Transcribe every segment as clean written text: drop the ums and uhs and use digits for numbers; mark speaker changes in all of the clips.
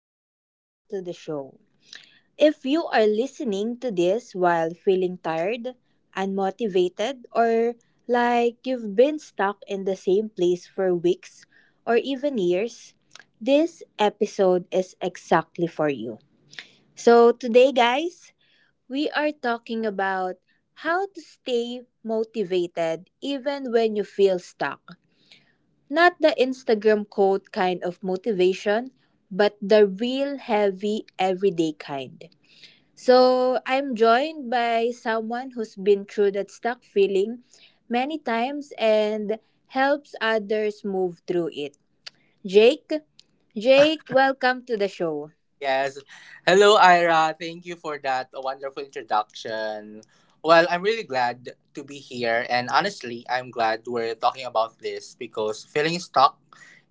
Speaker 1: Welcome back to the show. If you are listening to this while feeling tired, unmotivated, or like you've been stuck in the same place for weeks or even years, this episode is exactly for you. So, today, guys, we are talking about how to stay motivated even when you feel stuck. Not the Instagram quote kind of motivation, but the real heavy everyday kind. So I'm joined by someone who's been through that stuck feeling many times and helps others move through it. Jake, Jake, welcome to the show.
Speaker 2: Yes. Hello, Ira. Thank you for that wonderful introduction. Well, I'm really glad to be here. And honestly, I'm glad we're talking about this because feeling stuck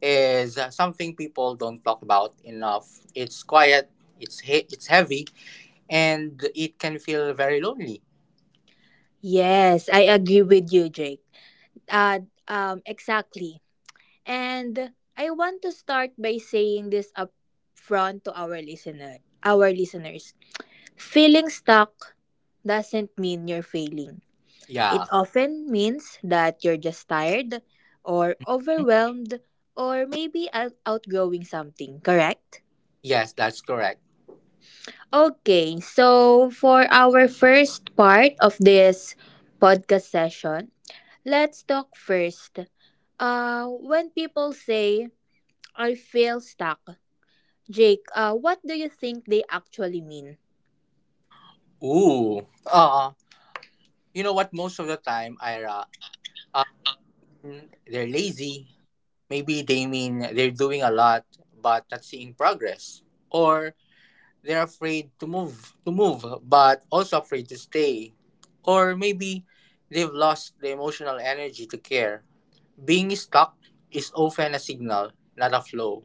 Speaker 2: is something people don't talk about enough. It's quiet, it's heavy, and it can feel very lonely.
Speaker 1: Yes, I agree with you, Jake. Exactly. And I want to start by saying this up front to our listeners. Feeling stuck doesn't mean you're failing. It
Speaker 2: Yeah.
Speaker 1: often means that you're just tired or
Speaker 2: Hmm?
Speaker 1: overwhelmed or maybe outgrowing something, correct?
Speaker 2: Yes, that's correct.
Speaker 1: Okay, so for our first part of this podcast session, let's talk first. When people say, I feel stuck, Jake, what do you think they actually mean?
Speaker 2: Ooh. You know what? Most of the time, Ira, they're lazy. Maybe they mean they're doing a lot but not seeing progress, or they're afraid to move but also afraid to stay, or maybe they've lost the emotional energy to care. Being stuck is often a signal, not a flow.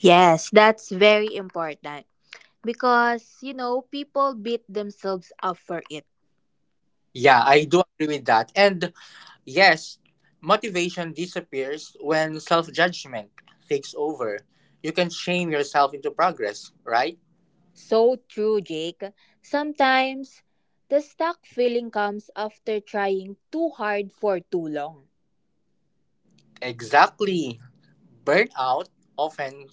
Speaker 1: Yes, that's very important because people beat themselves up for it.
Speaker 2: Yeah, I do agree with that. And yes, motivation disappears when self-judgment takes over. You can shame yourself into progress, right?
Speaker 1: So true, Jake. Sometimes the stuck feeling comes after trying too hard for too long.
Speaker 2: Exactly. Burnout often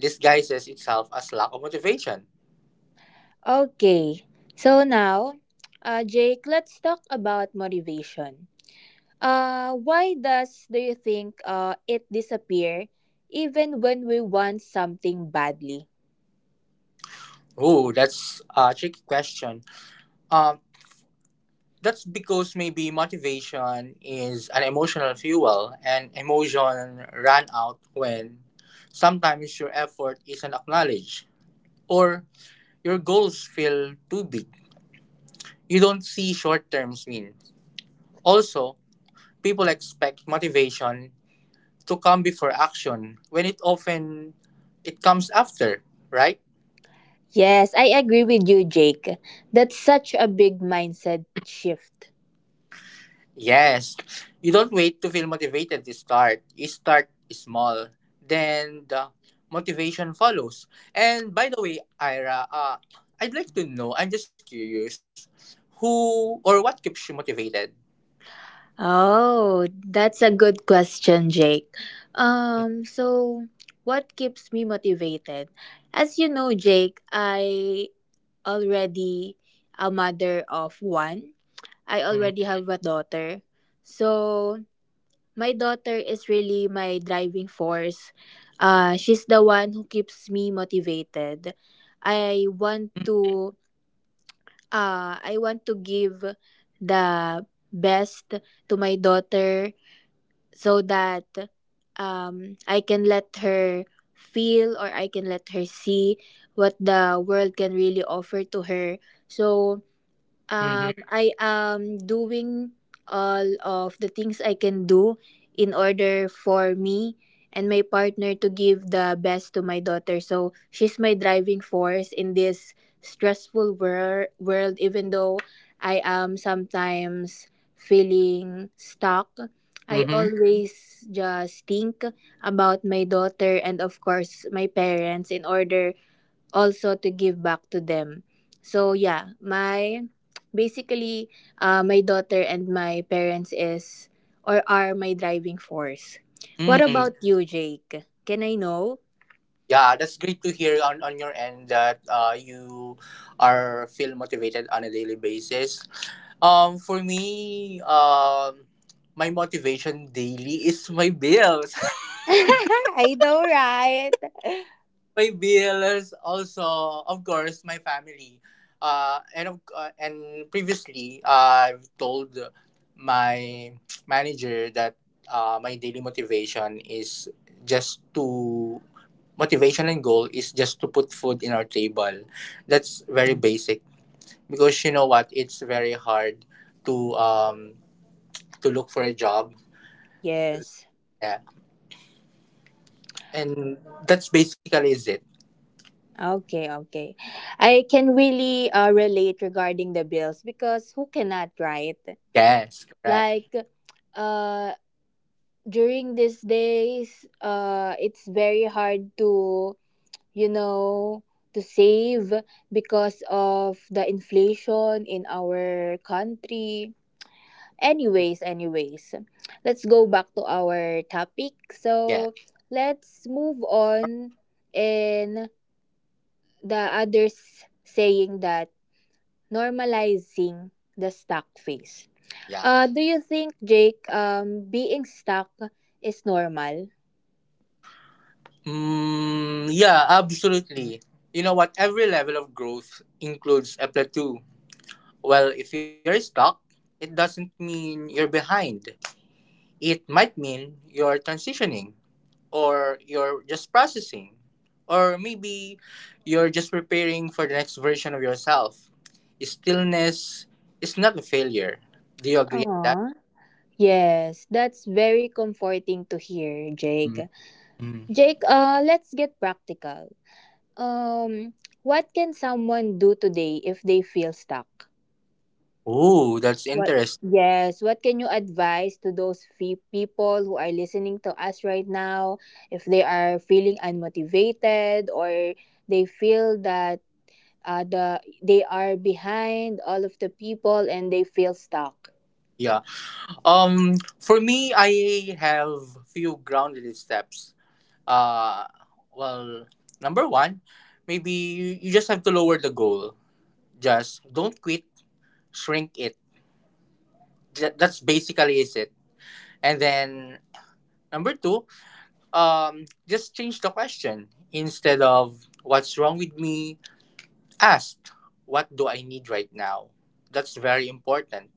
Speaker 2: disguises itself as lack of motivation.
Speaker 1: Okay, so now, Jake, let's talk about motivation. Why does do you think it disappear even when we want something badly?
Speaker 2: Ooh, that's a tricky question. Um, that's because maybe motivation is an emotional fuel, and emotion ran out when sometimes your effort isn't acknowledged or your goals feel too big. You don't see short term wins. Also, people expect motivation to come before action when it comes after, right?
Speaker 1: Yes, I agree with you, Jake. That's such a big mindset shift.
Speaker 2: Yes. You don't wait to feel motivated to start. You start small. Then the motivation follows. And by the way, Ira, I'd like to know, I'm just curious, who or what keeps you motivated?
Speaker 1: Oh, that's a good question, Jake. So what keeps me motivated? As you know, Jake, I already a mother of one. I already
Speaker 2: Mm-hmm.
Speaker 1: have a daughter. So my daughter is really my driving force. She's the one who keeps me motivated. I want to I want to give the best to my daughter so that I can let her feel or I can let her see what the world can really offer to her. So
Speaker 2: Mm-hmm.
Speaker 1: I am doing all of the things I can do in order for me and my partner to give the best to my daughter. So she's my driving force in this stressful world, even though I am sometimes feeling stuck. I
Speaker 2: Mm-hmm.
Speaker 1: always just think about my daughter and, of course, my parents in order also to give back to them. So yeah, my basically, my daughter and my parents is or are my driving force. What
Speaker 2: Mm.
Speaker 1: about you, Jake? Can I know?
Speaker 2: Yeah, that's great to hear on your end that you are feel motivated on a daily basis. For me, my motivation daily is my bills.
Speaker 1: I know, right?
Speaker 2: My bills also, of course, my family, and previously, I've told my manager that, my daily just to motivation and goal is just to put food in our table. That's very basic, because, you know what, it's very hard to um to look for a job.
Speaker 1: Yes.
Speaker 2: Yeah. And that's basically is it.
Speaker 1: Okay, okay. I can really relate regarding the bills because who cannot, right?
Speaker 2: Yes, correct.
Speaker 1: Like uh during these days, it's very hard you know, to save because of the inflation in our country. Anyways, anyways, let's go back to our topic.
Speaker 2: Yes.
Speaker 1: So, let's move on and the others saying that normalizing the stuck phase.
Speaker 2: Yeah.
Speaker 1: Do you think, Jake, being stuck is normal?
Speaker 2: Mm, yeah, absolutely. You know what? Every level of growth includes a plateau. Well, if you're stuck, it doesn't mean you're behind. It might mean you're transitioning, or you're just processing, or maybe you're just preparing for the next version of yourself. Stillness is not a failure. Do you agree with that?
Speaker 1: Aww. Yes, that's very comforting to hear, Jake.
Speaker 2: Mm. Mm.
Speaker 1: Jake, let's get practical. Um, what can someone do today if they feel stuck?
Speaker 2: Oh, that's
Speaker 1: What?
Speaker 2: interesting.
Speaker 1: Yes. What can you advise to those people who are listening to us right now if they are feeling unmotivated or they feel that they are behind all of the people and they feel stuck?
Speaker 2: Yeah. Um, for me, I have few ground little steps. Uh, well, number one, maybe you just have to lower the goal. Just don't quit, shrink it. That's basically is it. And then number two, just change the question. Instead of what's wrong with me, ask what do I need right now. That's very important.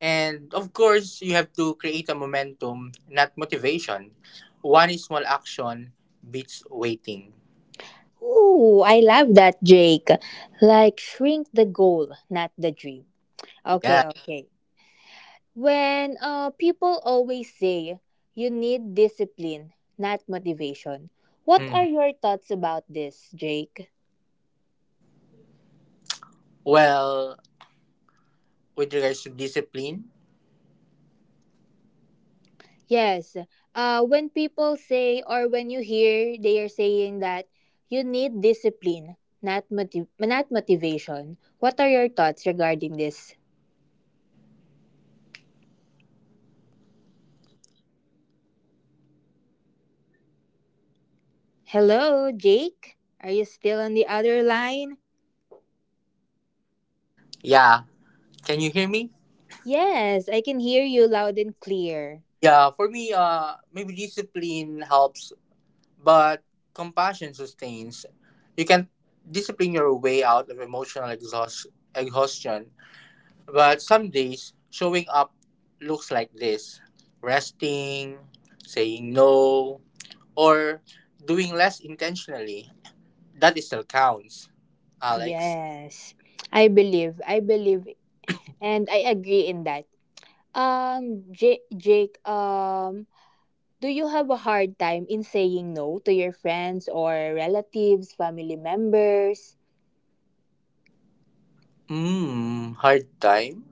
Speaker 2: And of course, you have to create a momentum, not motivation. One small action beats waiting.
Speaker 1: Ooh, I love that, Jake. Like shrink the goal, not the dream. Okay,
Speaker 2: Yeah.
Speaker 1: okay. When people always say you need discipline, not motivation, what are
Speaker 2: Mhm.
Speaker 1: your thoughts about this, Jake?
Speaker 2: Well, with regards to discipline,
Speaker 1: Yes, when people say or when you hear they are saying that you need discipline, not motivation. What are your thoughts regarding this? Hello, Jake. Are you still on the other line?
Speaker 2: yeah. Can you hear me?
Speaker 1: Yes, I can hear you loud and clear.
Speaker 2: Yeah, for me, maybe discipline helps, but compassion sustains. You can discipline your way out of emotional exhaustion. But some days, showing up looks like this: resting, saying no, or doing less intentionally. That still counts, Alex.
Speaker 1: Yes. I believe, and I agree in that. Jake, do you have a hard time in saying no to your friends or relatives, family members?
Speaker 2: Hard time?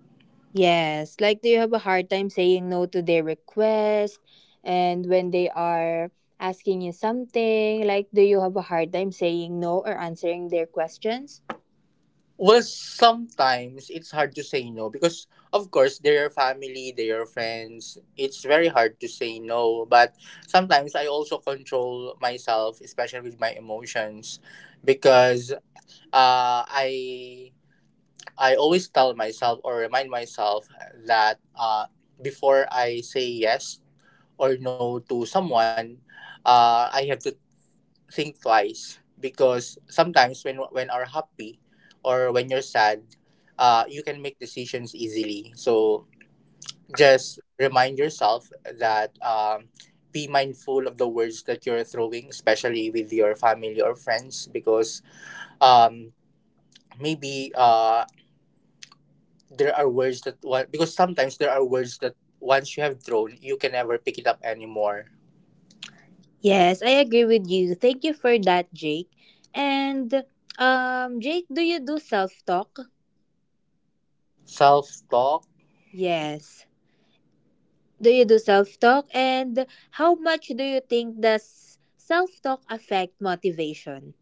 Speaker 1: Yes, like do you have a hard time saying no to their request? And when they are asking you something, like do you have a hard time saying no or answering their questions?
Speaker 2: Well, sometimes it's hard to say no because, of course, they're your family, they're your friends. It's very hard to say no, but sometimes I also control myself, especially with my emotions, because, uh, I I always tell myself or remind myself that, before I say yes or no to someone, I have to think twice because sometimes when are happy or when you're sad, you can make decisions easily. So just remind yourself that, be mindful of the words that you're throwing, especially with your family or friends, because um, maybe there are words that wa- because sometimes there are words that once you have thrown you can never pick it up anymore.
Speaker 1: Yes, I agree with you. Thank you for that, Jake. And Jake, do you do self-talk?
Speaker 2: Self talk?
Speaker 1: Yes. Do you do self talk? And how much do you think does self talk affect motivation?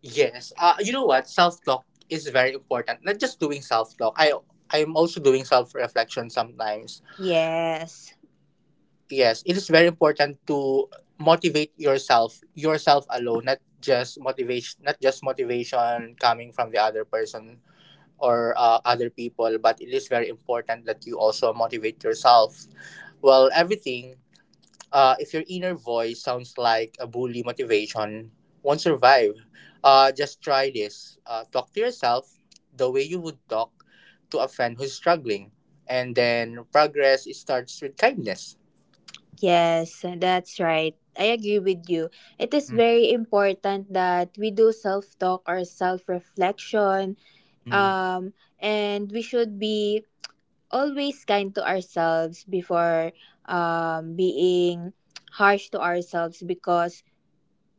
Speaker 2: Yes. You know what, self talk is very important. Not just doing self talk, I'm also doing self reflection sometimes.
Speaker 1: Yes,
Speaker 2: Yes, it is very important to motivate yourself, yourself alone. Not just motivation, coming from the other person or, other people, but it is very important that you also motivate yourself. Well, everything. If your inner voice sounds like a bully, motivation won't survive. Just try this. Talk to yourself the way you would talk to a friend who's struggling. And then progress starts with kindness.
Speaker 1: yes, that's right. I agree with you. It is very important that we do self talk or self reflection.
Speaker 2: Hmm.
Speaker 1: Um, and we should be always kind to ourselves before being harsh to ourselves because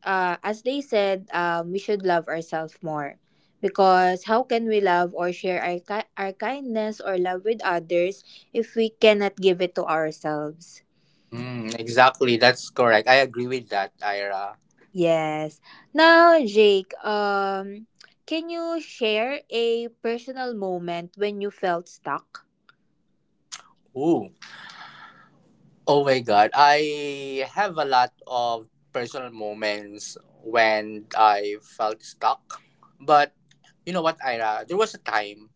Speaker 1: as they said, we should love ourselves more. Because how can we love or share our kindness or love with others if we cannot give it to ourselves?
Speaker 2: Exactly, that's correct. I agree with that, Ira.
Speaker 1: Yes. Now, Jake, can you share a personal moment when you felt stuck?
Speaker 2: Ooh. Oh my god, I have a lot of personal moments when I felt stuck. But you know what, Ira? There was a time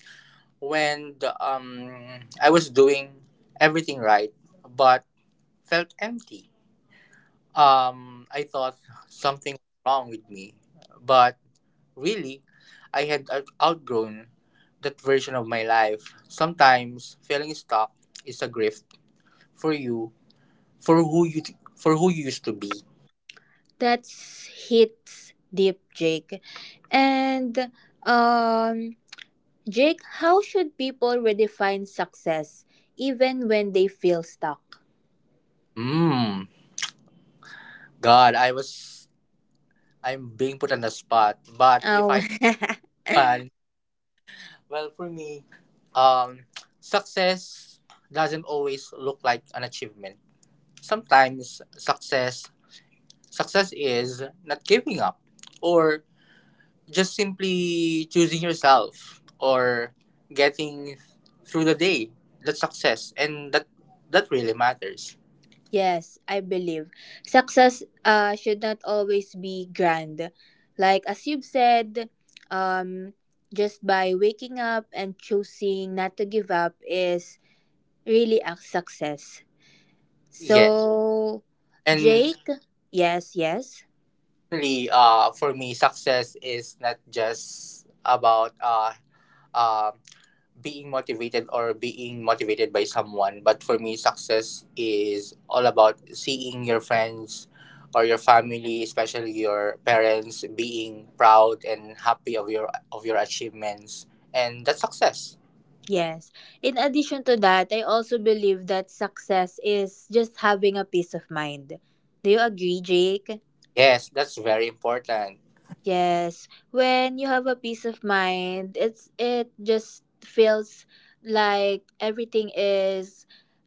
Speaker 2: when I was doing everything right but felt empty. I thought something wrong with me, but really I had outgrown that version of my life. Sometimes feeling stuck is a gift for you, for who you used to be.
Speaker 1: That hits deep, Jake. And um, Jake, how should people redefine success even when they feel stuck?
Speaker 2: Hmm. God, I'm being put on the spot, but if
Speaker 1: Oh
Speaker 2: I well, for me, um, success doesn't always look like an achievement. Sometimes success is not giving up or just simply choosing yourself or getting through the day. That's success, and that really matters.
Speaker 1: yes, I believe success should not always be grand. Like as you've said, um, just by waking up and choosing not to give up is really a success.
Speaker 2: Yeah.
Speaker 1: So,
Speaker 2: And
Speaker 1: Jake, yes, yes,
Speaker 2: really, for me, success is not just about, um being motivated or being motivated by someone, but for me success is all about seeing your friends or your family, especially your parents, being proud and happy of your achievements, and that's success.
Speaker 1: yes. In addition to that, I also believe that success is just having a peace of mind. Do you agree, Jake?
Speaker 2: Yes, that's very important.
Speaker 1: Yes, when you have a peace of mind, it just feels like everything is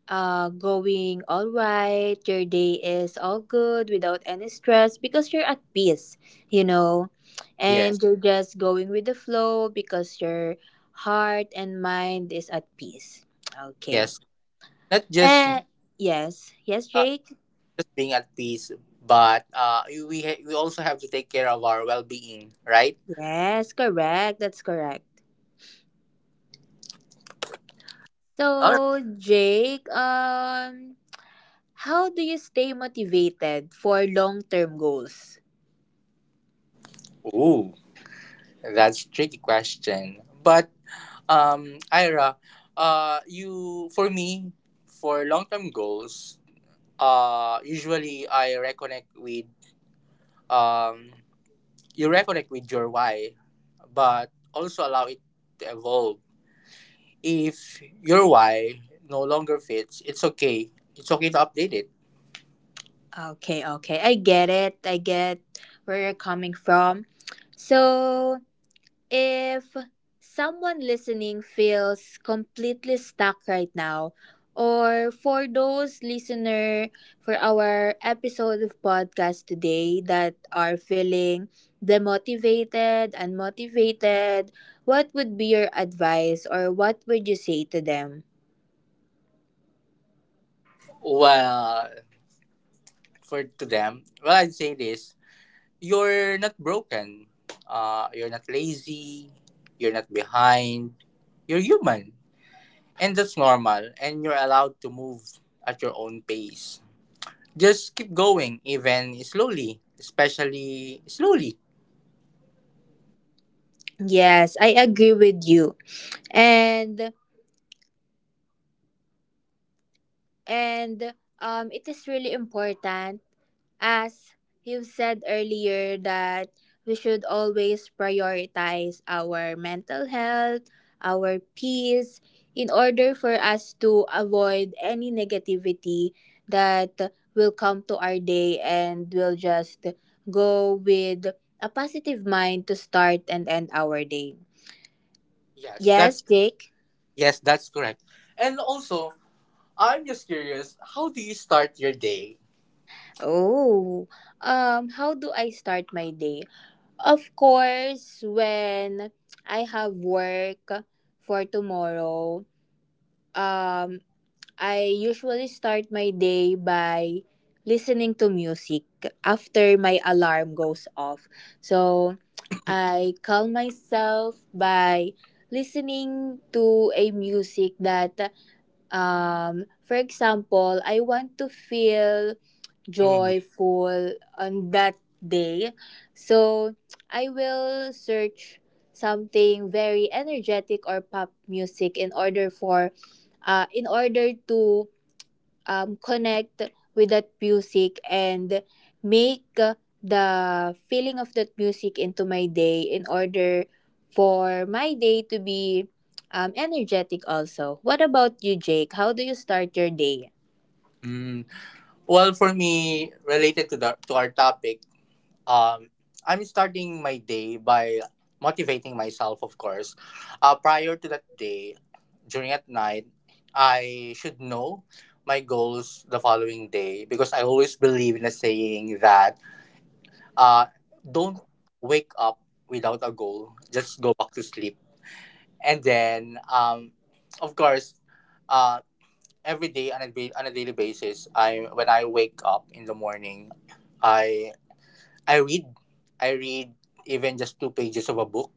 Speaker 1: going all right. Your day is all good without any stress because you're at peace, you know. And
Speaker 2: Yes,
Speaker 1: you're just going with the flow because your heart and mind is at peace. Okay.
Speaker 2: yes, not just,
Speaker 1: Uh yes, yes,
Speaker 2: uh,
Speaker 1: Jake.
Speaker 2: just being at peace, but we also have to take care of our well-being, right?
Speaker 1: Yes, correct. That's correct.
Speaker 2: All
Speaker 1: So, Jake, how do you stay motivated for long-term goals?
Speaker 2: right. Ooh, that's tricky question, but, Ira, you for me, for long-term goals, usually I reconnect with um you reconnect with your why, but also allow it to evolve. If your why no longer fits, it's okay. It's okay to update it.
Speaker 1: Okay, okay. I get it. I get where you're coming from. So, if someone listening feels completely stuck right now, or for those listener for our episode of podcast today that are feeling demotivated, unmotivated, what would be your advice or what would you say to them?
Speaker 2: Well, for to them, well, I'd say this: you're not broken. You're not lazy, you're not behind. You're human. And that's normal, and you're allowed to move at your own pace. Just keep going, even slowly, especially slowly.
Speaker 1: Yes, I agree with you. And and it is really important as you said earlier that we should always prioritize our mental health, our peace in order for us to avoid any negativity that will come to our day and we'll just go with a positive mind to start and end our day.
Speaker 2: Yes,
Speaker 1: Yes,
Speaker 2: that's
Speaker 1: Jake?
Speaker 2: yes, that's correct. And also, I'm just curious, how do you start your day?
Speaker 1: Oh, how do I start my day? Of course, when I have work for tomorrow, um, I usually start my day by listening to music after my alarm goes off. So I calm myself by listening to a music that, for example, I want to feel
Speaker 2: hmm
Speaker 1: joyful on that day. So I will search something very energetic or pop music in order to connect with that music and make the feeling of that music into my day in order for my day to be energetic also. What about you, Jake? How do you start your day?
Speaker 2: Mm, well, for me, related to our topic, um, I'm starting my day by motivating myself, of course. Prior to that day, during at night, I should know my goals the following day, because I always believe in a saying that, uh, don't wake up without a goal, just go back to sleep. And then, of course, uh, every day on a daily basis, I when I wake up in the morning, I I read, I read even just two pages of a book,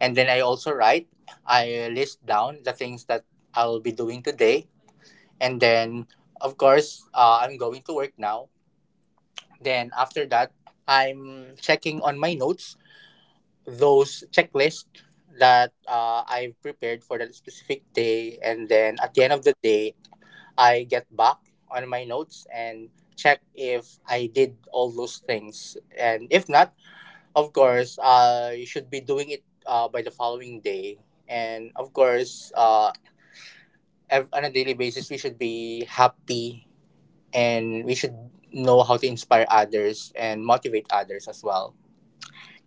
Speaker 2: and then I also write. I list down the things that I'll be doing today, and then, of course, I'm going to work now. Then after that, I'm checking on my notes, those checklists that, I've prepared for that specific day. And then at the end of the day, I get back on my notes and check if I did all those things. And if not, of course, you should be doing it, by the following day. And of course, on a daily basis we should be happy, and we should know how to inspire others and motivate others as well.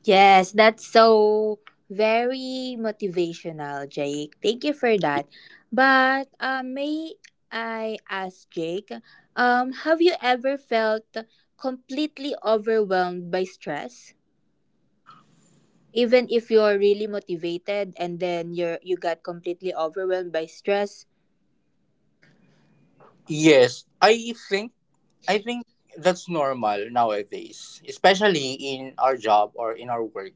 Speaker 1: Yes, that's so very motivational, Jake. Thank you for that. But may I ask, Jake, have you ever felt completely overwhelmed by stress? Even if you're really motivated and then you got completely overwhelmed by stress.
Speaker 2: Yes, I think that's normal nowadays, especially in our job or in our work.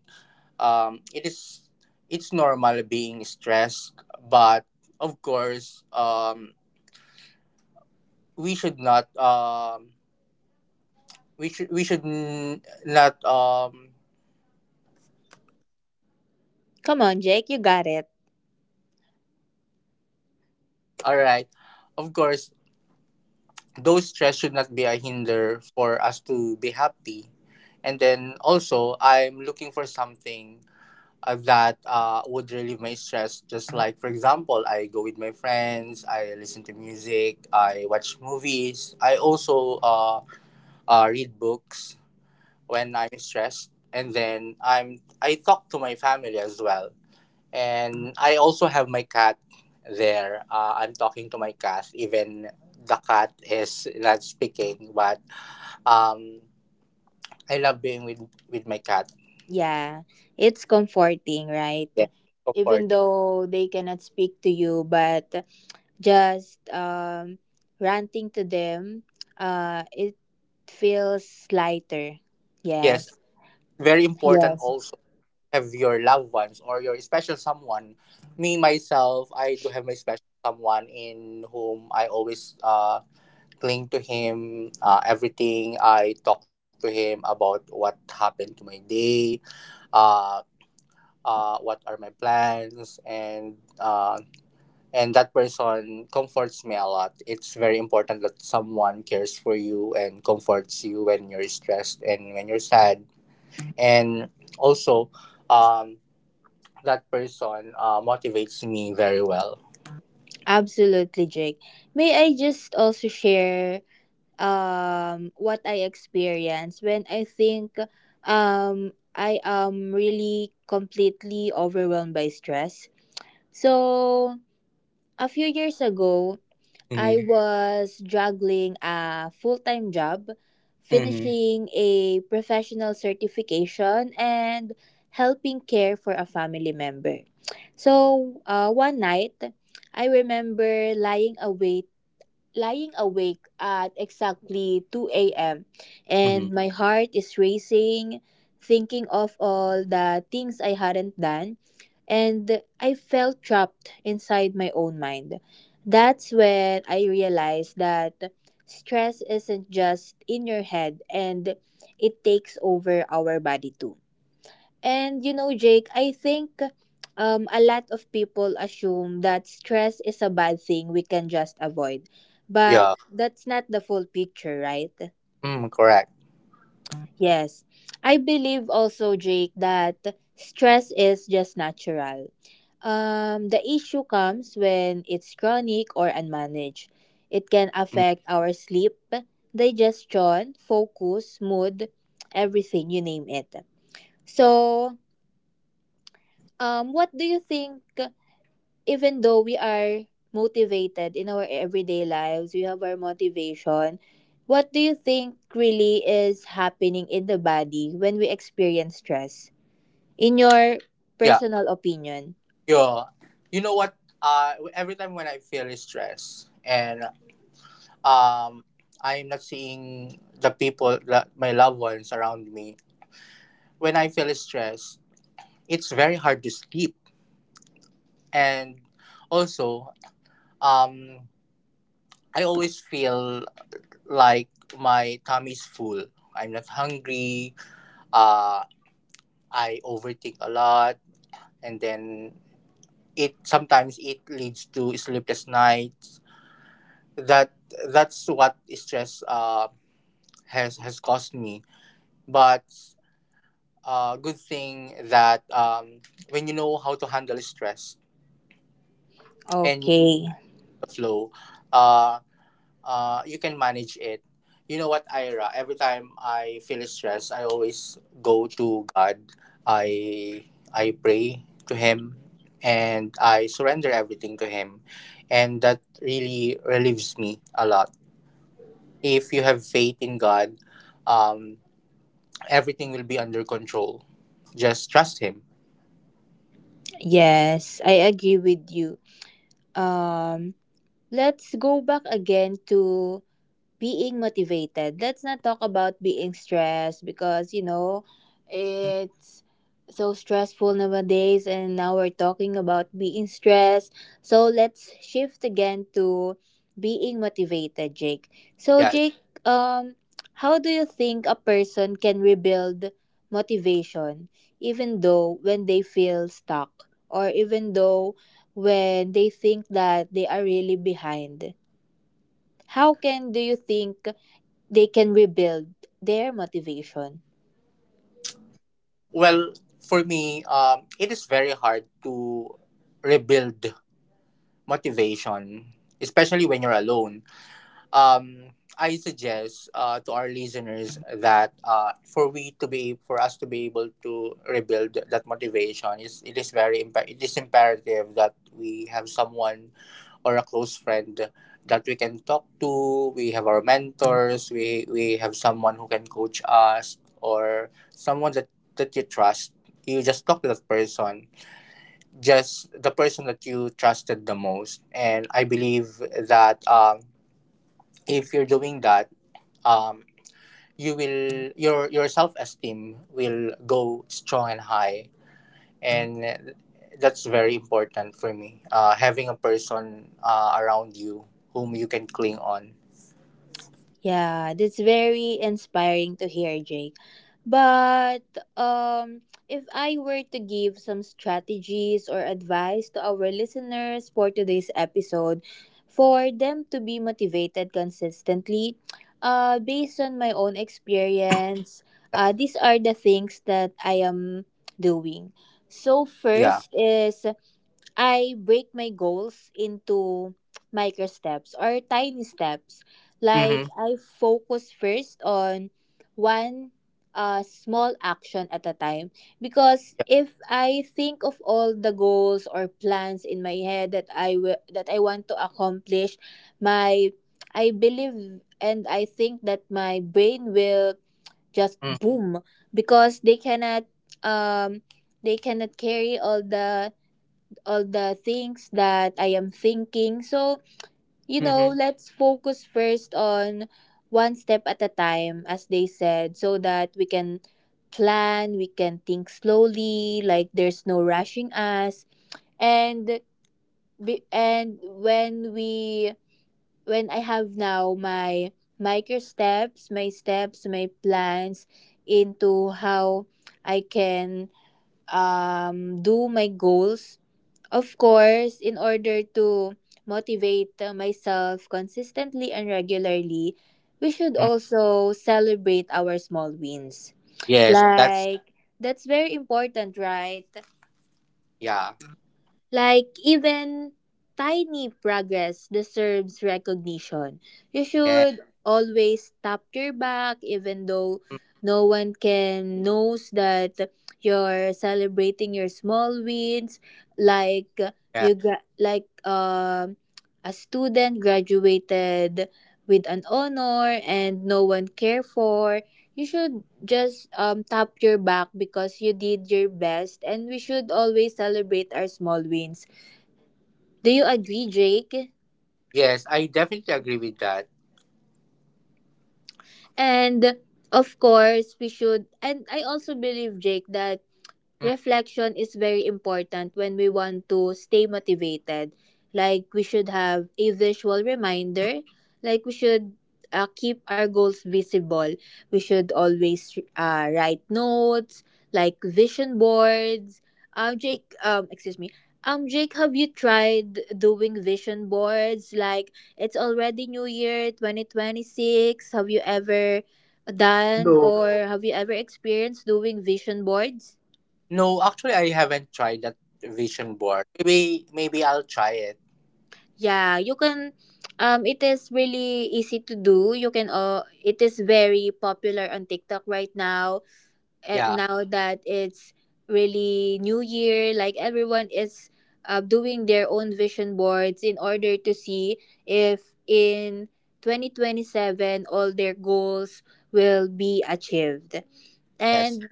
Speaker 2: Um, it is it's normal being stressed, but of course, we should not. We should we should n- not um,
Speaker 1: Come on, Jake, you got it.
Speaker 2: all right. Of course, those stress should not be a hinder for us to be happy. And then also, I'm looking for something, that, would relieve my stress. Just like, for example, I go with my friends, I listen to music, I watch movies, I also, read books when I'm stressed. And then I talk to my family as well. And I also have my cat there. I'm talking to my cat, even the cat is not speaking, but, um, I love being with my cat.
Speaker 1: Yeah, it's comforting, right?
Speaker 2: Yeah,
Speaker 1: Even
Speaker 2: comforting.
Speaker 1: though they cannot speak to you, but just ranting to them, it feels lighter.
Speaker 2: Yes,
Speaker 1: Yes,
Speaker 2: very important
Speaker 1: yes,
Speaker 2: also to have your loved ones or your special someone. Me, myself, I do have my special someone in whom I always, cling to him. Everything I talk to him about what happened to my day, uh, what are my plans, and that person comforts me a lot. It's very important that someone cares for you and comforts you when you're stressed and when you're sad. And also, um, that person, motivates me very well.
Speaker 1: absolutely, Jake. May I just also share what I experienced when I think um I am really completely overwhelmed by stress. So a few years ago, I
Speaker 2: Mm-hmm.
Speaker 1: was juggling a full time job,
Speaker 2: Mm-hmm.
Speaker 1: finishing a professional certification, and helping care for a family member. So, one night, I remember lying awake at exactly 2 a.m.
Speaker 2: Mm-hmm.
Speaker 1: and my heart is racing, thinking of all the things I hadn't done, and I felt trapped inside my own mind. That's when I realized that stress isn't just in your head and it takes over our body too. And you know, Jake, I think a lot of people assume that stress is a bad thing we can just avoid. But
Speaker 2: Yeah.
Speaker 1: that's not the full picture, right?
Speaker 2: Correct.
Speaker 1: Yes. I believe also, Jake, that stress is just natural. The issue comes when it's chronic or unmanaged. It can
Speaker 2: Mm.
Speaker 1: affect our sleep, digestion, focus, mood, everything, you name it. So, what do you think even though we are motivated in our everyday lives, we have our motivation. What do you think really is happening in the body when we experience stress? In your
Speaker 2: Yeah,
Speaker 1: personal opinion?
Speaker 2: yeah. You know what, every time when I feel stress, and, um, I'm not seeing the people, that my loved ones around me. When I feel stressed, it's very hard to sleep. And also, um, I always feel like my tummy's full. I'm not hungry. Uh, I overthink a lot. And then it sometimes it leads to sleepless nights. That that's what stress, has caused me. But, good thing that, when you know how to handle stress and
Speaker 1: Okay.
Speaker 2: the flow, uh, you can manage it. You know what, Ira? Every time I feel stressed, I always go to God. I I pray to Him, and I surrender everything to Him, and that really relieves me a lot. If you have faith in God, um, everything will be under control. Just trust Him.
Speaker 1: Yes, I agree with you. Um let's go back again to being motivated. Let's not talk about being stressed because, it's so stressful nowadays, and now we're talking about being stressed. So let's shift again to being motivated, Jake. So,
Speaker 2: Yeah.
Speaker 1: Jake, how do you think a person can rebuild motivation even though when they feel stuck or even though when they think that they are really behind? How can do you think they can rebuild their motivation.
Speaker 2: Well, for me, it is very hard to rebuild motivation, especially when you're alone. Um, I suggest, to our listeners, that, for us to be able to rebuild that motivation is it is very imp- it is imperative that we have someone or a close friend that we can talk to. We have our mentors. We have someone who can coach us, or someone that you trust. You just talk to that person, just the person that you trusted the most. And I believe that, if you're doing that, um, your self esteem will go strong and high, and that's very important for me, having a person, around you whom you can cling on.
Speaker 1: Yeah, that's very inspiring to hear, Jake. But um, if I were to give some strategies or advice to our listeners for today's episode, for them to be motivated consistently, based on my own experience, these are the things that I am doing. So
Speaker 2: Yeah.
Speaker 1: first is I break my goals into micro steps or tiny steps.
Speaker 2: Mm-hmm.
Speaker 1: Like I focus first on one small action at a time because
Speaker 2: Yeah.
Speaker 1: if I think of all the goals or plans in my head that I want to accomplish, my I believe and I think that my brain will just boom because um they cannot carry all the things that I am thinking. So,
Speaker 2: Mm-hmm. Mm.
Speaker 1: let's focus first on one step at a time, as they said, so that we can plan, we can think slowly, like there's no rushing us. And and when we when I have now my micro steps, my plans into how I can do my goals. Of course, in order to motivate myself consistently and regularly, we should also celebrate our small wins.
Speaker 2: Yes, that's
Speaker 1: Like, that's very important, right?
Speaker 2: yeah,
Speaker 1: Like even tiny progress deserves recognition. You
Speaker 2: yeah.
Speaker 1: should always tap your back even though
Speaker 2: Mm.
Speaker 1: no one can knows that you're celebrating your small wins like
Speaker 2: Yeah.
Speaker 1: like a student graduated with an honor and no one care for. You should just tap your back because you did your best and we should always celebrate our small wins. Do you agree, Jake?
Speaker 2: Yes, I definitely agree with that.
Speaker 1: And of course, we should, and I also believe, Jake, that
Speaker 2: Mm.
Speaker 1: reflection is very important when we want to stay motivated. Like we should have a visual reminder. Like we should keep our goals visible. We should always write notes, like vision boards. Jake, excuse me. Jake, have you tried doing vision boards? Like it's already New Year, 2026. Have you ever done
Speaker 2: No,
Speaker 1: or have you ever experienced doing vision boards?
Speaker 2: no, actually I haven't tried that. Vision board, maybe I'll try it.
Speaker 1: Yeah, you can it is really easy to do. You can it is very popular on TikTok right now. And
Speaker 2: Yeah.
Speaker 1: now that it's really new year, like everyone is doing their own vision boards in order to see if in 2027 all their goals will be achieved.
Speaker 2: Yes.
Speaker 1: And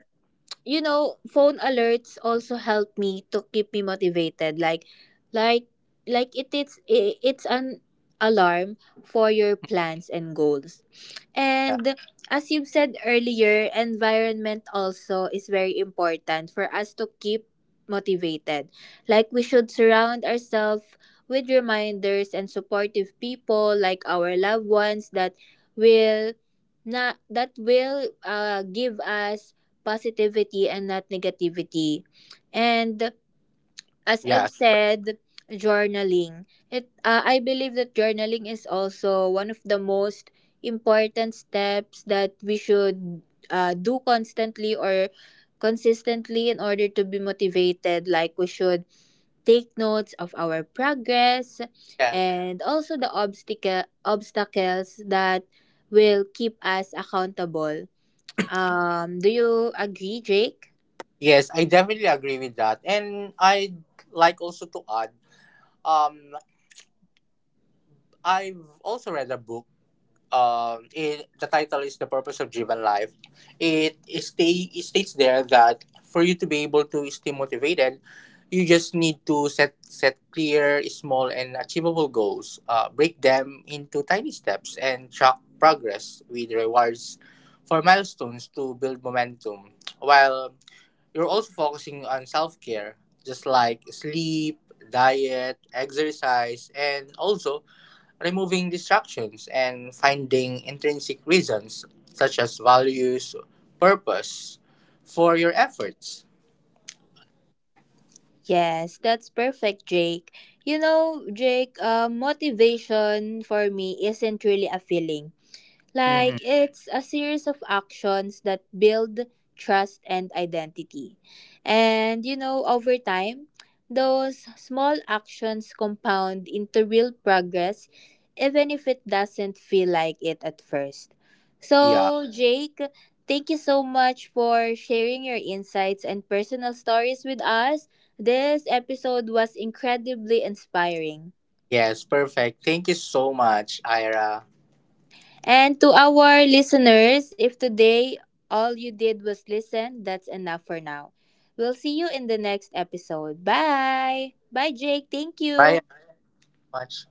Speaker 1: you know, phone alerts also help me to keep me motivated. Like, like it is. It's an alarm for your plans and goals.
Speaker 2: Yeah.
Speaker 1: And as you've said earlier, environment also is very important for us to keep motivated. Like we should surround ourselves with reminders and supportive people like our loved ones that will not that will give us positivity and not negativity. And as I've
Speaker 2: Yes.
Speaker 1: said, journaling. It I believe that journaling is also one of the most important steps that we should do constantly or consistently in order to be motivated. Like we should take notes of our progress
Speaker 2: Yes.
Speaker 1: and also the obstacles that will keep us accountable. Do you agree, Jake?
Speaker 2: Yes, I definitely agree with that. And I'd like also to add, um I've also read a book. The title is The Purpose of Driven Life. It states there that for you to be able to stay motivated, you just need to set clear, small and achievable goals, break them into tiny steps, and track progress with rewards for milestones to build momentum, while you're also focusing on self-care, just like sleep, diet, exercise, and also removing distractions and finding intrinsic reasons such as values, purpose, for your efforts.
Speaker 1: Yes, that's perfect, Jake. You know, Jake, motivation for me isn't really a feeling.
Speaker 2: Mm-hmm.
Speaker 1: Like it's a series of actions that build trust and identity. And you know, over time, those small actions compound into real progress, even if it doesn't feel like it at first.
Speaker 2: Yeah.
Speaker 1: So, Jake, thank you so much for sharing your insights and personal stories with us. This episode was incredibly inspiring.
Speaker 2: Yes, perfect. Thank you so much, Ira.
Speaker 1: And to our listeners, if today all you did was listen, that's enough for now. We'll see you in the next episode. Bye. Bye, Jake. Thank
Speaker 2: Bye.
Speaker 1: you.
Speaker 2: Much.